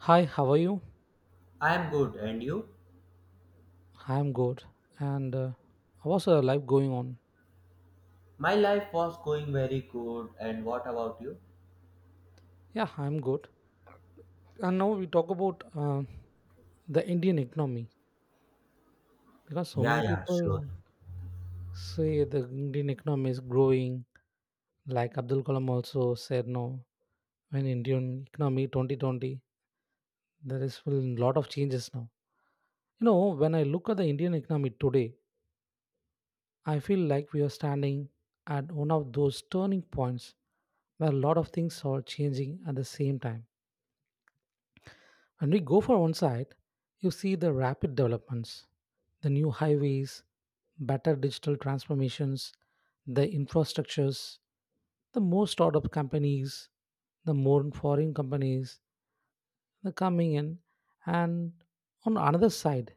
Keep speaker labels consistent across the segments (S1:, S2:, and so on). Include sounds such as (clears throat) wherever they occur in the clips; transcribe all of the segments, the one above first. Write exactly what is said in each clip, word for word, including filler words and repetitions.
S1: Hi, how are you?
S2: I am good, and you?
S1: I'm good. And uh, How's uh, life going on?
S2: My life was going very good, and what about you?
S1: Yeah, I'm good. And now we talk about uh, the Indian economy because so
S2: Yeah,
S1: many
S2: yeah, sure.
S1: people say the Indian economy is growing. Like Abdul Kalam also said, no, when Indian economy twenty twenty, there is a lot of changes now. You know, when I look at the Indian economy today, I feel like we are standing at one of those turning points where a lot of things are changing at the same time. When we go for one side, you see the rapid developments, the new highways, better digital transformations, the infrastructures, the more startup companies, the more foreign companies the coming in. And on another side,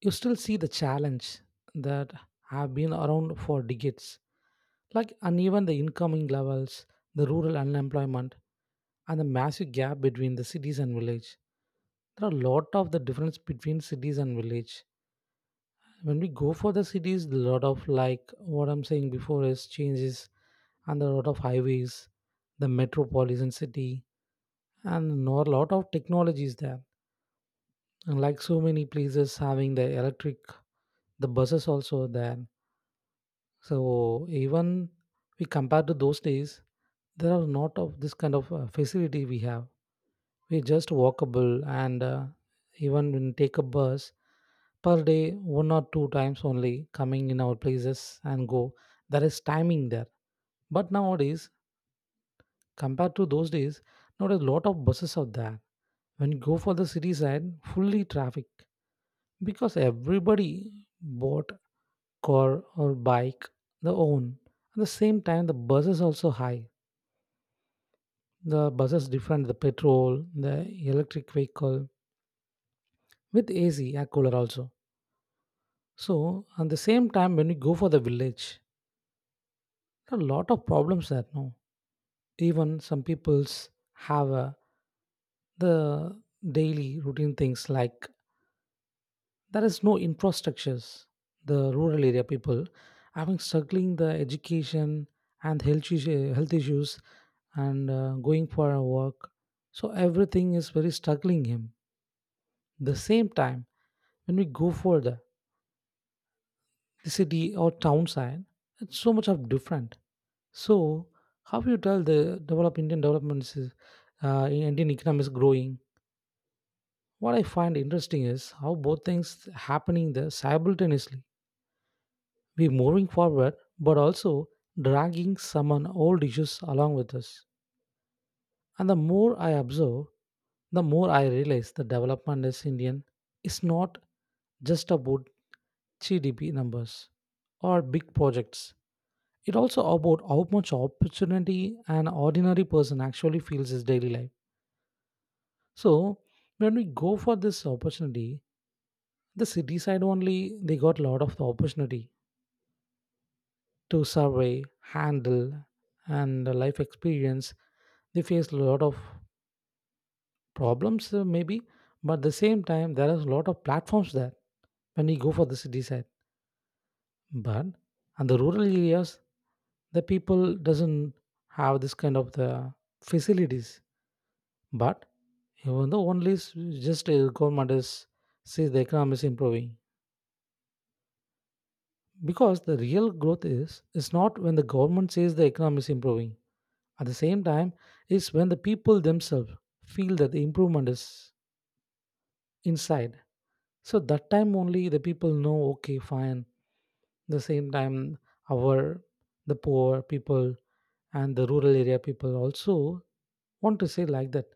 S1: you still see the challenge that have been around for decades, like uneven the incoming levels, the rural unemployment, and the massive gap between the cities and village. There are a lot of the difference between cities and village. When we go for the cities, a lot of like what I'm saying before is changes, and there are a lot of highways, the metropolitan city, and no, a lot of technologies there, and like so many places having the electric, the buses also are there. So even we compare to those days, there are not of this kind of uh, facility we have. We just walkable, and uh, even when take a bus per day one or two times only coming in our places and go, there is timing there. But nowadays, compared to those days, nowadays a lot of buses are there. When you go for the city side, fully traffic, because everybody bought car or bike their own. At the same time, the buses also high, the buses different, the petrol, the electric vehicle with AC air cooler also. So at the same time, when you go for the village, a lot of problems there. No, even some people's have uh, the daily routine things like there is no infrastructures. The rural area people having struggling the education and health issue, health issues, and uh, going for a work. So everything is very struggling him. The same time when we go for the, the city or town side, it's so much of different. So, how you tell the develop Indian developments, is, uh, in Indian economy is growing? What I find interesting is how both things happening there simultaneously. We moving forward, but also dragging some on old issues along with us. And the more I observe, the more I realize the development is Indian is not just about G D P numbers or big projects. It also about how much opportunity an ordinary person actually feels his daily life. So when we go for this opportunity, the city side only they got a lot of the opportunity to survey, handle, and the life experience. They face a lot of problems uh, maybe, but at the same time there is a lot of platforms there when we go for the city side. But on the rural areas, the people doesn't have this kind of the facilities. But even though only s- just uh, government is says the economy is improving, because the real growth is is not when the government says the economy is improving. At the same time, it's when the people themselves feel that the improvement is inside. So that time only the people know, okay, fine. The same time, our the poor people and the rural area people also want to say like that.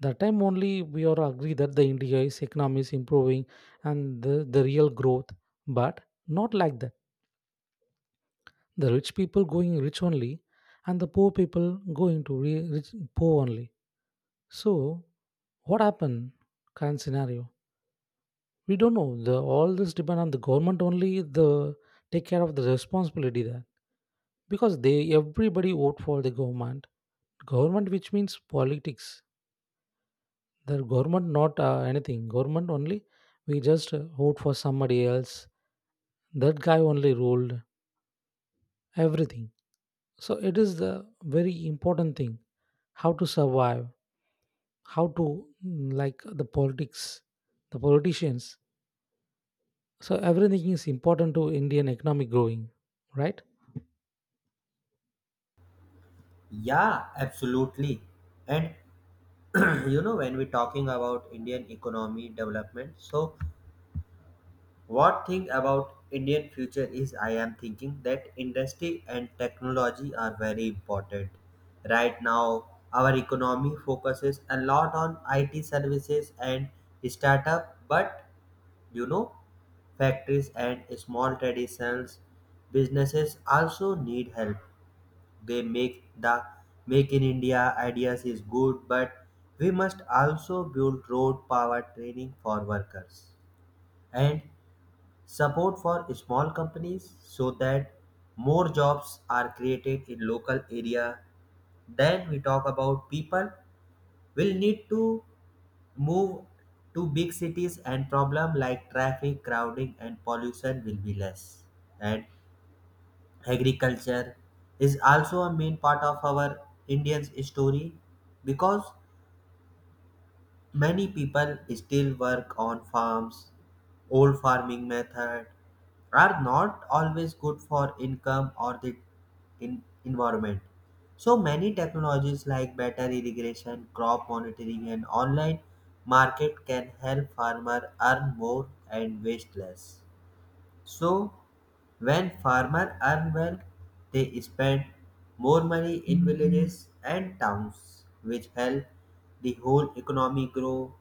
S1: That time only we all agree that the India's economy is improving and the, the real growth. But not like that. The rich people going rich only, and the poor people going to re- rich, poor only. So, what happened? Current scenario. We don't know. The, all this depend on the government only. The take care of the responsibility there because they everybody vote for the government. Government, which means politics. The government not uh, anything. Government only. We just uh, vote for somebody else. That guy only ruled everything. So it is the very important thing how to survive, how to mm, like the politics, the politicians, so everything is important to Indian economic growing, right?
S2: Yeah, absolutely. And (clears throat) you know, when we're talking about Indian economy development, so what thing about Indian future is I am thinking that industry and technology are very important. Right now, our economy focuses a lot on I T services and startup, but you know, factories and small traditional businesses also need help. They make the Make in India ideas is good, but we must also build road power training for workers and support for small companies so that more jobs are created in local area. Then we talk about people will need to move to big cities and problem like traffic, crowding, and pollution will be less. And agriculture is also a main part of our Indian's story because many people still work on farms. Old farming methods are not always good for income or the in- environment. So many technologies like better irrigation, crop monitoring, and online market can help farmer earn more and waste less. So when farmers earn well, they spend more money in villages and towns, which help the whole economy grow.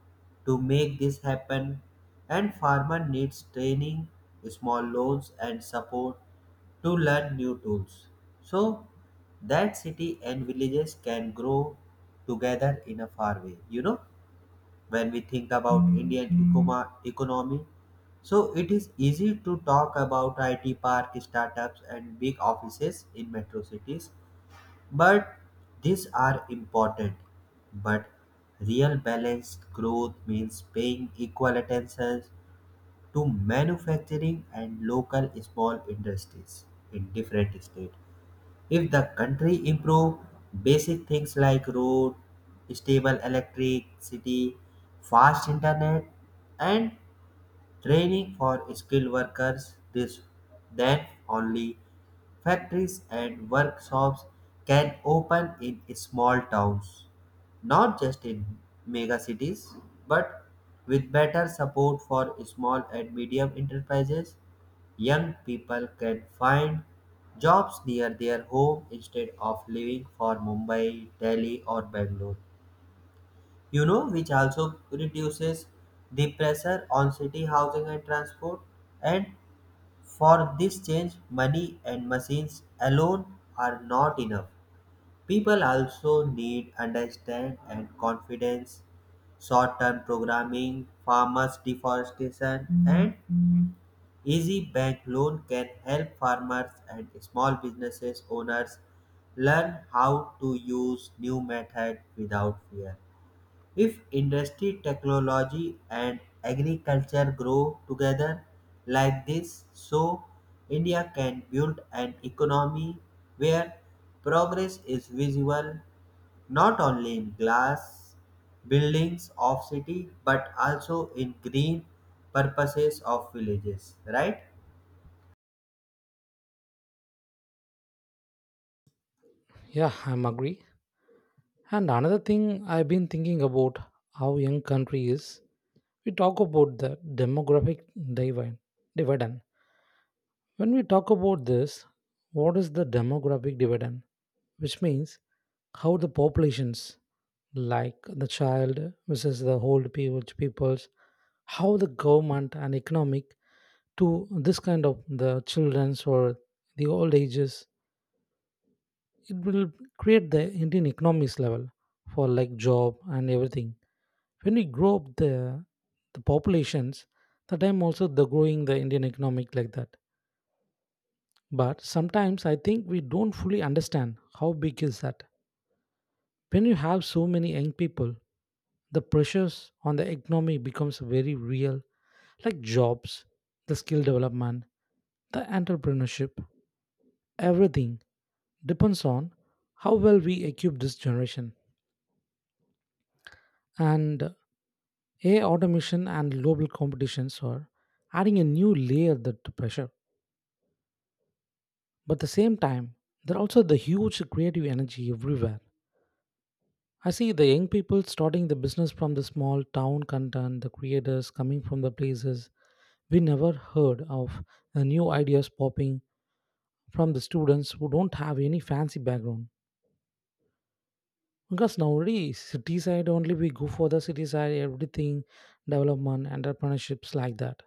S2: To make this happen, and farmer needs training, small loans, and support to learn new tools, so that city and villages can grow together in a far way. You know, when we think about Indian ecoma- economy, so it is easy to talk about I T park startups and big offices in metro cities, but these are important. But real balanced growth means paying equal attention to manufacturing and local small industries in different states. If the country improve basic things like road, stable electricity, fast internet, and training for skilled workers, this, then only factories and workshops can open in small towns, not just in mega cities. But with better support for small and medium enterprises, young people can find jobs near their home instead of leaving for Mumbai, Delhi, or Bangalore. You know, which also reduces the pressure on city housing and transport. And for this change, money and machines alone are not enough. People also need understand and confidence. Short-term programming, farmers deforestation, and easy bank loan can help farmers and small businesses owners learn how to use new method without fear. If industry, technology and agriculture grow together like this, so India can build an economy where progress is visible not only in glass buildings of city but also in green purposes of villages, right?
S1: Yeah, I'm agree. And another thing I've been thinking about, how young country is. We talk about the demographic divi- dividend. When we talk about this, what is the demographic dividend, which means how the populations, like the child versus the old people peoples, how the government and economic to this kind of the children's or the old ages, it will create the Indian economics level for like job and everything. When we grow up the the populations, the time also the growing the Indian economic like that. But sometimes I think we don't fully understand how big is that. When you have so many young people, the pressures on the economy becomes very real, like jobs, the skill development, the entrepreneurship, everything depends on how well we equip this generation. And A I automation and global competitions are adding a new layer to the pressure. But at the same time, there are also the huge creative energy everywhere. I see the young people starting the business from the small town content, the creators coming from the places we never heard of, the new ideas popping from the students who don't have any fancy background. Because nowadays, city side only we go for the city side, everything, development, entrepreneurships like that.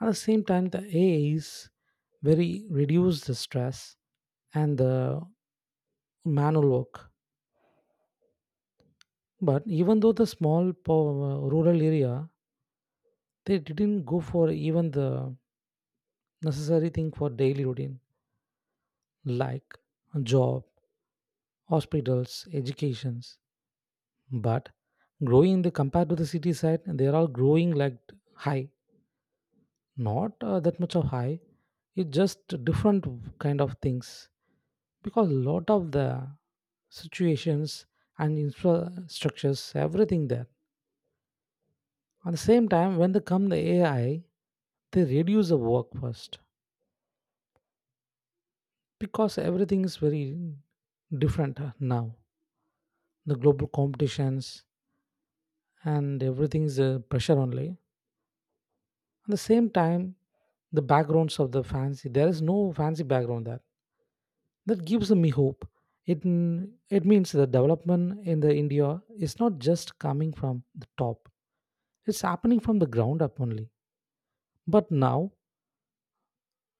S1: At the same time, the A I is very reduce the stress and the manual work. But even though the small po- uh, rural area, they didn't go for even the necessary thing for daily routine like job, hospitals, educations. But growing the compared to the city side, they are all growing like high, not uh, that much of high, it's just different kind of things because a lot of the situations and infrastructures everything there. At the same time when they come the AI, they reduce the work first because everything is very different uh, now. The global competitions and everything is uh, pressure only. At the same time, the backgrounds of the fancy, there is no fancy background there. That gives me hope. It, it means the development in the India is not just coming from the top. It's happening from the ground up only. But now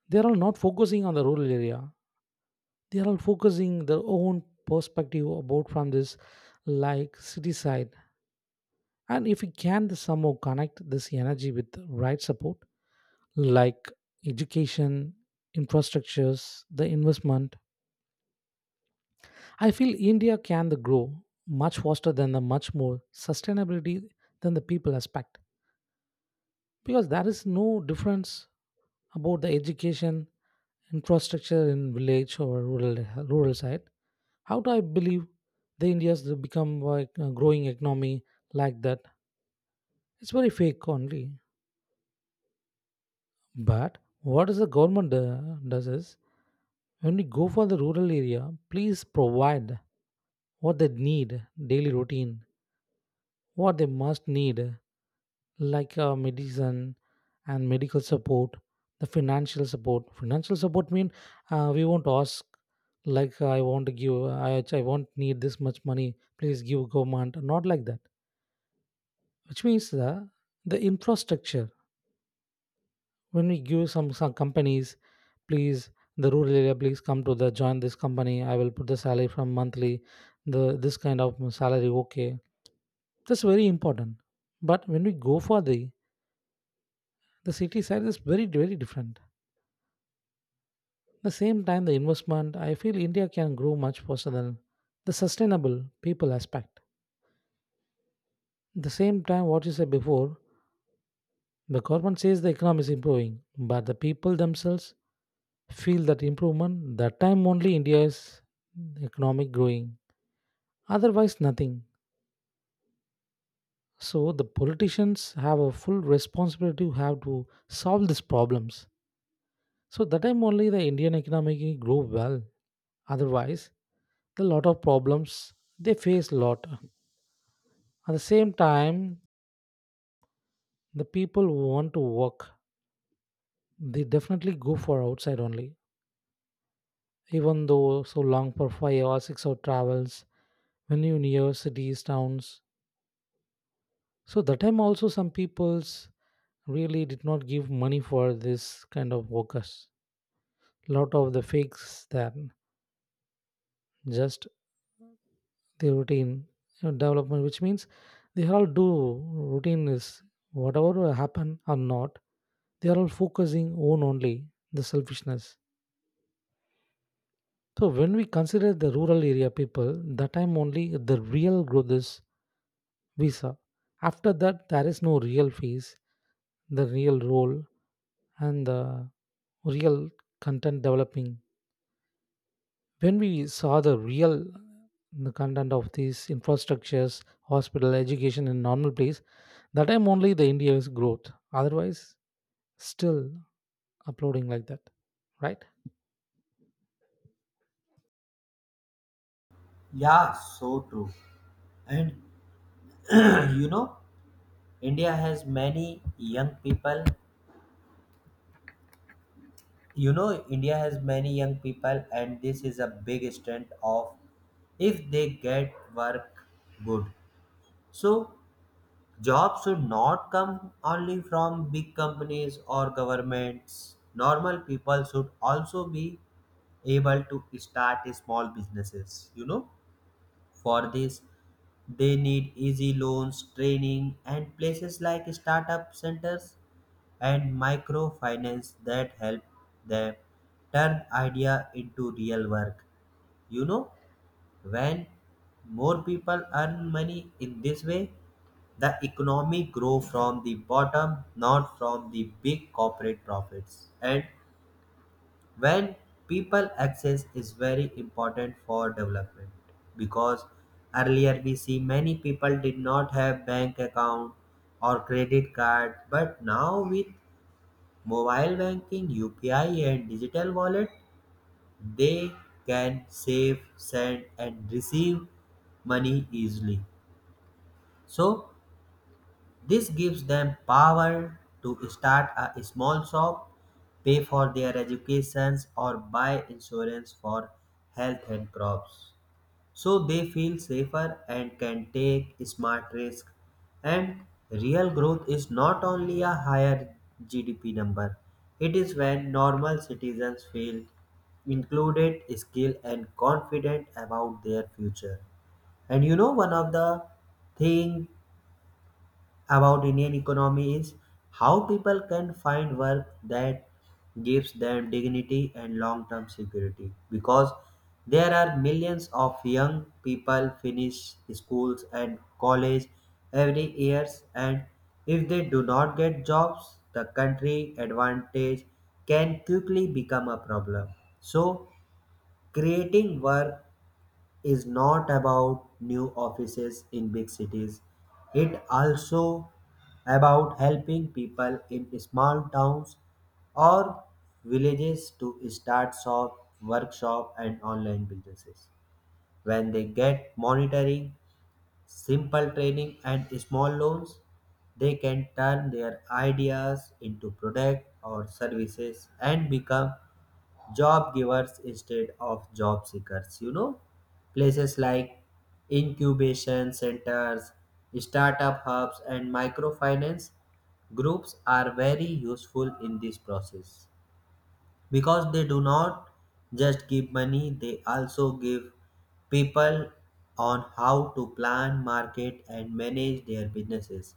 S1: they are all not focusing on the rural area. They are all focusing their own perspective about from this like city side. And if we can somehow connect this energy with the right support, like education, infrastructures, the investment, I feel India can the grow much faster than the much more sustainability than the people expect because there is no difference about the education infrastructure in village or rural rural side. How do I believe the India's will become like a growing economy like that? It's very fake only. But what is the government uh, does is, when we go for the rural area, please provide what they need daily routine, what they must need, like uh, medicine and medical support, the financial support. Financial support mean uh, we won't ask, like I want to give, I, I won't need this much money. Please give government, not like that. Which means the the infrastructure. When we give some some companies, please the rural area, please come to the join this company. I will put the salary from monthly, the this kind of salary. Okay, that's very important. But when we go for the The city side is very, very different. The same time, the investment, I feel India can grow much faster than the sustainable people aspect. The same time, what you said before, the government says the economy is improving, but the people themselves feel that improvement, that time only India is economic growing. Otherwise, nothing. So the politicians have a full responsibility to have to solve these problems. So that time only the Indian economy grow well. Otherwise, a lot of problems they face a lot at the same time, the people who want to work, they definitely go for outside only, even though so long for five or six hour travels when you near cities towns. So that time also some peoples really did not give money for this kind of workers. Lot of the fakes there, just the routine uh, development, which means they all do. Routine is whatever happen or not, they are all focusing on only the selfishness. So when we consider the rural area people, that time only the real growth is visa. After that there is no real fees, the real role, and the real content developing. When we saw the real the content of these infrastructures, hospital, education in normal place, that time only the India's growth. Otherwise, still uploading like that, right?
S2: Yeah, so true. And (clears throat) you know, India has many young people. You know, India has many young people, and this is a big strength of if they get work good. So, jobs should not come only from big companies or governments. Normal people should also be able to start small businesses, you know. For this, they need easy loans, training, and places like startup centers and microfinance that help them turn idea into real work. You know, when more people earn money in this way, the economy grow from the bottom, not from the big corporate profits. And when people access is very important for development because earlier we see many people did not have bank account or credit card, but now with mobile banking, U P I, and digital wallet, they can save, send, and receive money easily. So this gives them power to start a small shop, pay for their educations, or buy insurance for health and crops. So they feel safer and can take smart risks. And real growth is not only a higher G D P number, it is when normal citizens feel included, skilled, and confident about their future. And you know, one of the thing about Indian economy is how people can find work that gives them dignity and long-term security, because there are millions of young people finish schools and college every years, and if they do not get jobs, the country advantage can quickly become a problem. So creating work is not about new offices in big cities. It also about helping people in small towns or villages to start shop, workshop and online businesses. When they get monitoring, simple training and small loans, they can turn their ideas into product or services and become job givers instead of job seekers. You know, places like incubation centers, startup hubs and microfinance groups are very useful in this process because they do not just give money, they also give people on how to plan market and manage their businesses,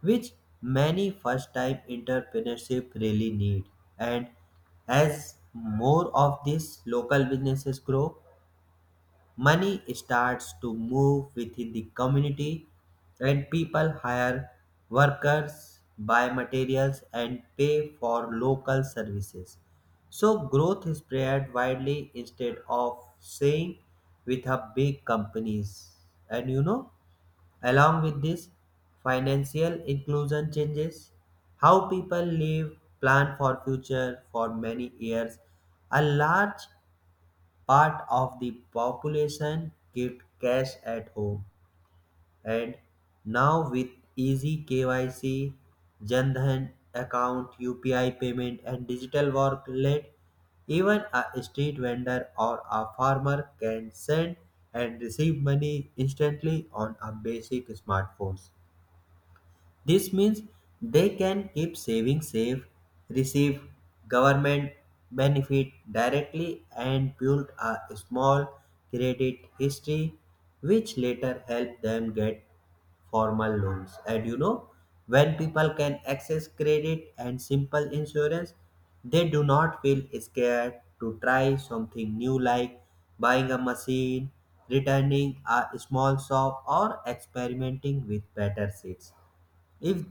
S2: which many first time entrepreneurship really need. And as more of these local businesses grow, money starts to move within the community and people hire workers, buy materials and pay for local services. So growth is spread widely instead of saying with a big companies. And you know, along with this, financial inclusion changes how people live, plan for future for many years. A large part of the population kept cash at home, and now with easy K Y C, Jan Dhan account, U P I payment and digital wallet, even a street vendor or a farmer can send and receive money instantly on a basic smartphone. This means they can keep saving safe, receive government benefit directly, and build a small credit history, which later help them get formal loans. And you know, when people can access credit and simple insurance, they do not feel scared to try something new like buying a machine, returning a small shop, or experimenting with better seats. If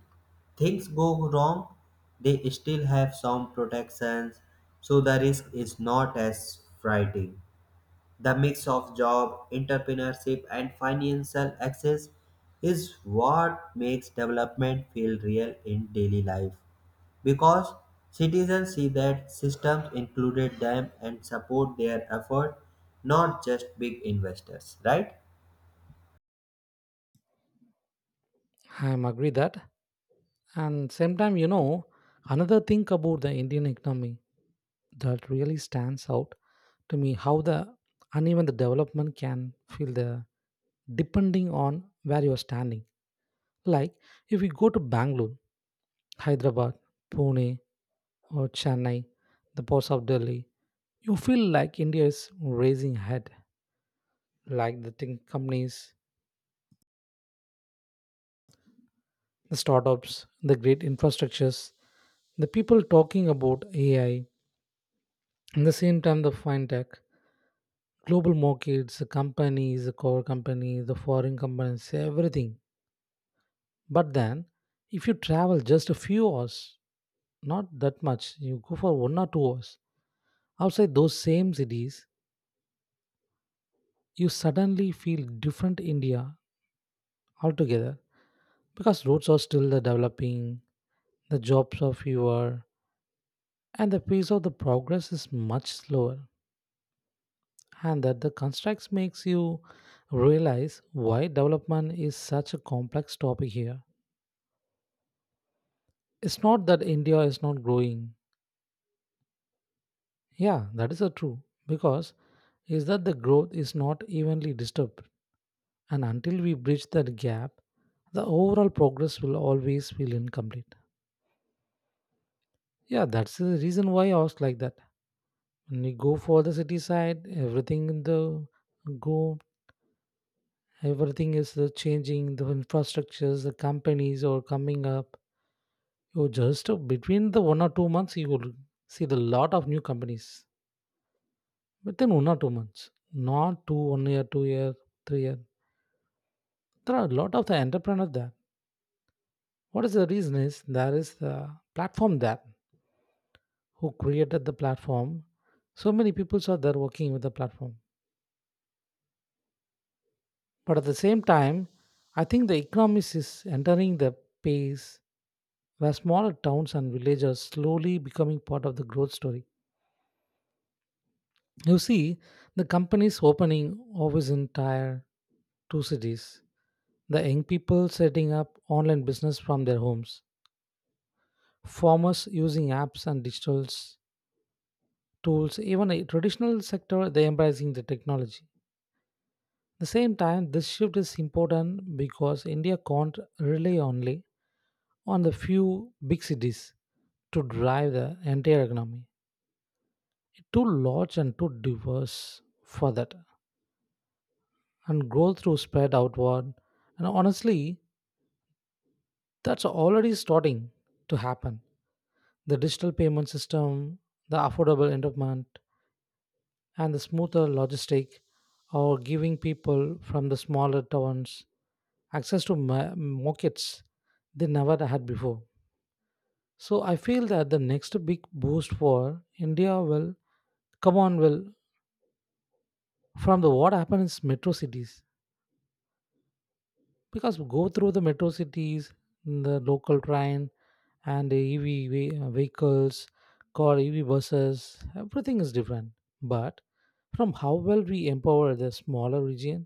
S2: things go wrong, they still have some protections, so the risk is not as frightening. The mix of job, entrepreneurship, and financial access is what makes development feel real in daily life because citizens see that systems included them and support their effort, not just big investors, right?
S1: I'm agree that, and same time, you know, another thing about the Indian economy that really stands out to me, how the uneven the development can feel, the depending on where you're standing. Like if you go to Bangalore, Hyderabad, Pune or Chennai, the ports of Delhi, you feel like India is raising ahead, like the tech companies, the startups, the great infrastructures, the people talking about A I, at the same time the fintech, global markets, the companies, the core companies, the foreign companies, everything. But then, if you travel just a few hours, not that much, you go for one or two hours outside those same cities, you suddenly feel different India altogether, because roads are still the developing, the jobs are fewer, and the pace of the progress is much slower. And that the constructs makes you realize why development is such a complex topic here. It's not that India is not growing. Yeah, that is a true. Because is that the growth is not evenly disturbed, and until we bridge that gap, the overall progress will always feel incomplete. Yeah, that's the reason why I was like that. When you go for the city side, everything in the go, everything is uh, changing. The infrastructures, the companies are coming up. You just uh, between the one or two months, you will see the lot of new companies within one or two months, not two one year, two year, three year. There are a lot of the entrepreneur there. What is the reason is, there is the platform there, who created the platform. So many people are there working with the platform. But at the same time, I think the economy is entering the phase where smaller towns and villages are slowly becoming part of the growth story. You see, the companies opening offices in tier two cities, the young people setting up online business from their homes, farmers using apps and digital tools, even a traditional sector they embracing the technology. At the same time, this shift is important because India can't rely only on the few big cities to drive the entire economy. Too large and too diverse for that. And growth through spread outward. And honestly, that's already starting to happen. The digital payment system, the affordable entertainment, and the smoother logistic are giving people from the smaller towns access to ma- markets they never had before. So I feel that the next big boost for India will come on, will from the what happens in metro cities, because we go through the metro cities, the local train, and the ev ve- uh, vehicles, car, ev, buses, everything is different, but from how well we empower the smaller region,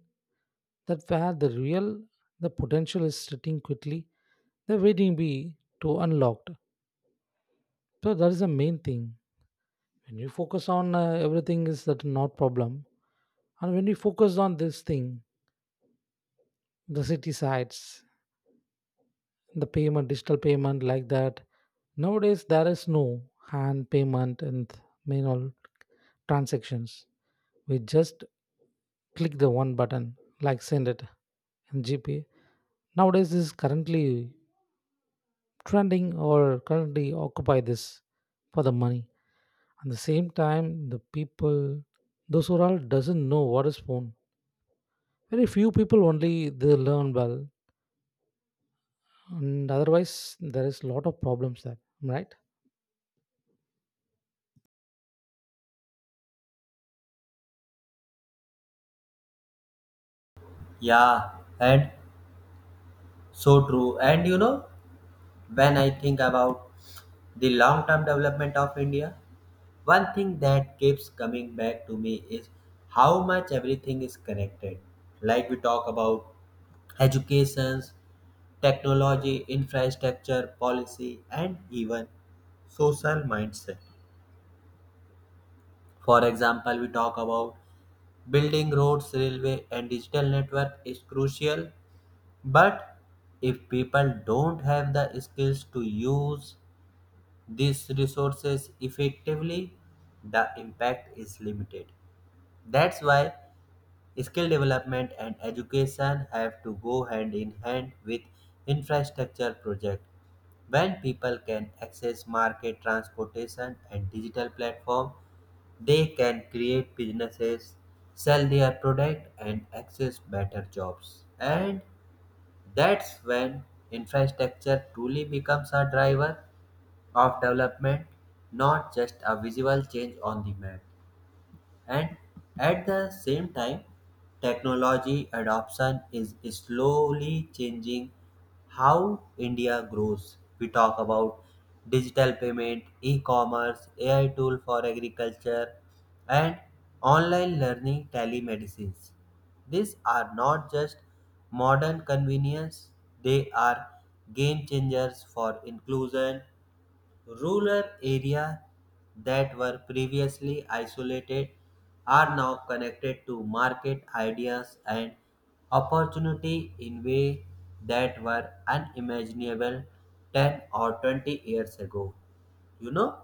S1: that where the real the potential is sitting quickly, the waiting be to unlocked. So that is the main thing. When you focus on uh, everything, is that not problem? And when you focus on this thing, the city sides, the payment, digital payment, like that, nowadays there is no hand payment and manual transactions. We just click the one button, like send it, and gp, nowadays this is currently trending or currently occupy this for the money. At the same time, the people those who are all doesn't know what is phone, very few people only they learn well, and otherwise there is lot of problems there, right?
S2: Yeah, and so true. And you know, when I think about the long term development of India, one thing that keeps coming back to me is how much everything is connected. Like we talk about educations, technology, infrastructure, policy, and even social mindset. For example, we talk about building roads, railway, and digital network is crucial. But if people don't have the skills to use these resources effectively, the impact is limited. That's why skill development and education have to go hand in hand with infrastructure projects. When people can access market transportation and digital platform, they can create businesses, sell their product and access better jobs. And that's when infrastructure truly becomes a driver of development, not just a visual change on the map. And at the same time, technology adoption is slowly changing how India grows. We talk about digital payment, e-commerce, A I tool for agriculture, and online learning, telemedicines. These are not just modern convenience, they are game changers for inclusion. Rural areas that were previously isolated are now connected to market ideas and opportunity in ways that were unimaginable ten or twenty years ago. You know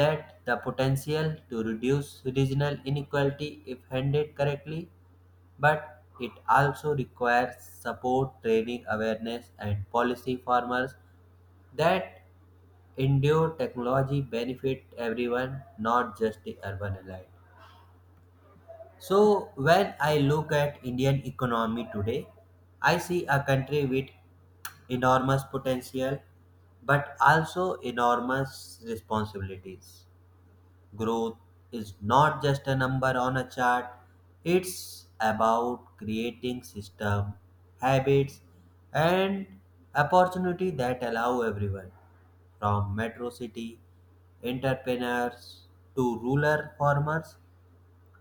S2: that the potential to reduce regional inequality if handled correctly, but it also requires support, training, awareness, and policy farmers that endured technology benefit everyone, not just the urban elite. So when I look at Indian economy today, I see a country with enormous potential but also enormous responsibilities. Growth is not just a number on a chart, it's about creating system, habits and opportunity that allow everyone, from metro city entrepreneurs to rural farmers,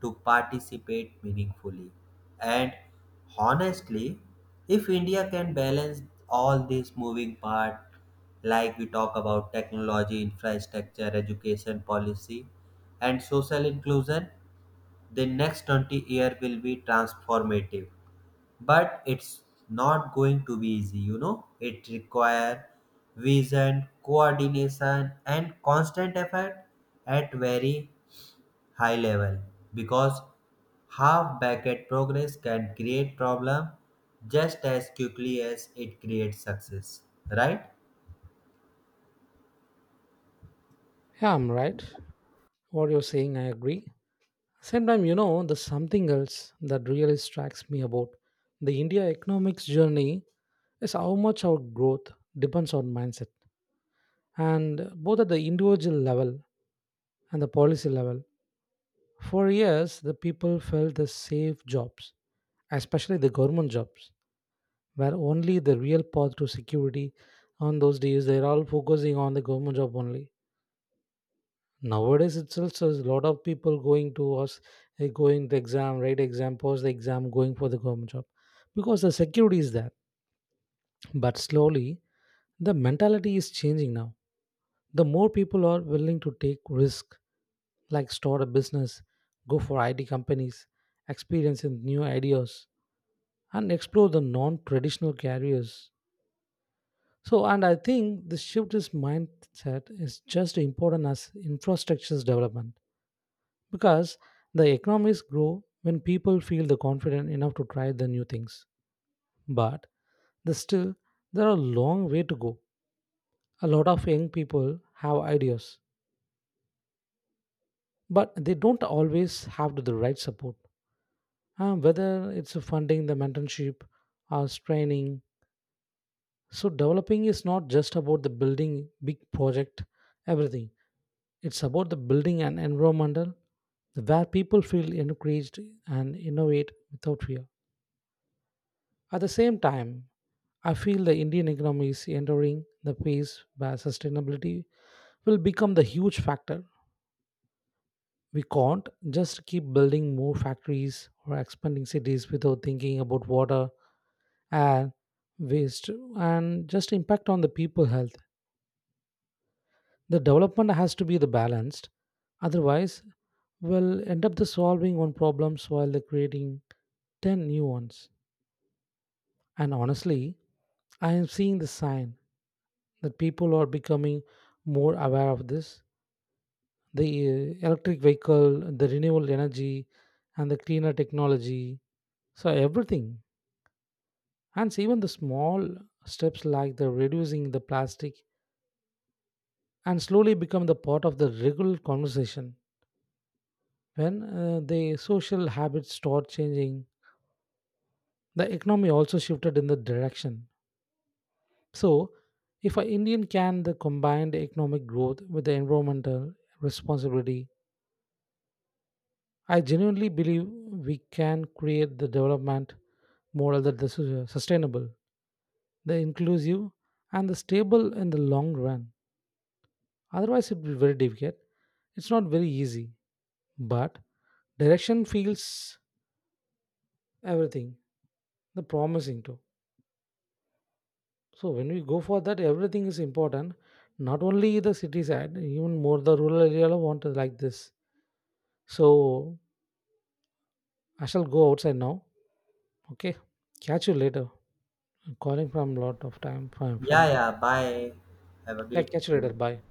S2: to participate meaningfully. And honestly, if India can balance all these moving parts, like we talk about technology, infrastructure, education policy, and social inclusion, the next twenty year will be transformative. But it's not going to be easy. You know, it require vision, coordination and constant effort at very high level, because half-baked progress can create problem just as quickly as it creates success, right?
S1: Yeah, I'm right. What you're saying, I agree. Sometimes, you know, there's something else that really strikes me about the India economics journey is how much our growth depends on mindset, and both at the individual level and the policy level. For years, the people felt the safe jobs, especially the government jobs, were only the real path to security. On those days, they're all focusing on the government job only. Nowadays it's also a lot of people going to us, eh, going the exam, write exam, post the exam, going for the government job, because the security is there. But slowly the mentality is changing now. The more people are willing to take risk, like start a business, go for it companies, experience in new ideas, and explore the non-traditional careers. So, and I think the shift is mindset is just important as infrastructure's development, because the economies grow when people feel the confident enough to try the new things. But the still there are a long way to go. A lot of young people have ideas, but they don't always have the right support. Uh, whether it's funding, the mentorship, or training. So developing is not just about the building big project, everything. It's about the building an environmental where people feel encouraged and innovate without fear. At the same time, I feel the Indian economy is entering the phase where sustainability will become the huge factor. We can't just keep building more factories or expanding cities without thinking about water, air, waste, and just impact on the people health. The development has to be the balanced. Otherwise, we'll end up the solving one problems while the creating ten new ones. And honestly, I am seeing the sign that people are becoming more aware of this. The uh, electric vehicle, the renewable energy, and the cleaner technology. So everything, and so even the small steps like the reducing the plastic, and slowly become the part of the regular conversation. When uh, the social habits start changing, the economy also shifted in the direction. So, if an Indian can the combined economic growth with the environmental responsibility, I genuinely believe we can create the development model that is sus- sustainable, the inclusive, and the stable in the long run. Otherwise, it will be very difficult. It's not very easy, but direction feels everything, the promising too. So when we go for that, everything is important. Not only the city side, even more the rural area want to like this. So I shall go outside now. Okay, catch you later. I'm calling from a lot of time from
S2: Yeah,
S1: friend.
S2: yeah, bye. Have a
S1: Yeah,
S2: great
S1: catch you
S2: day.
S1: later. Bye.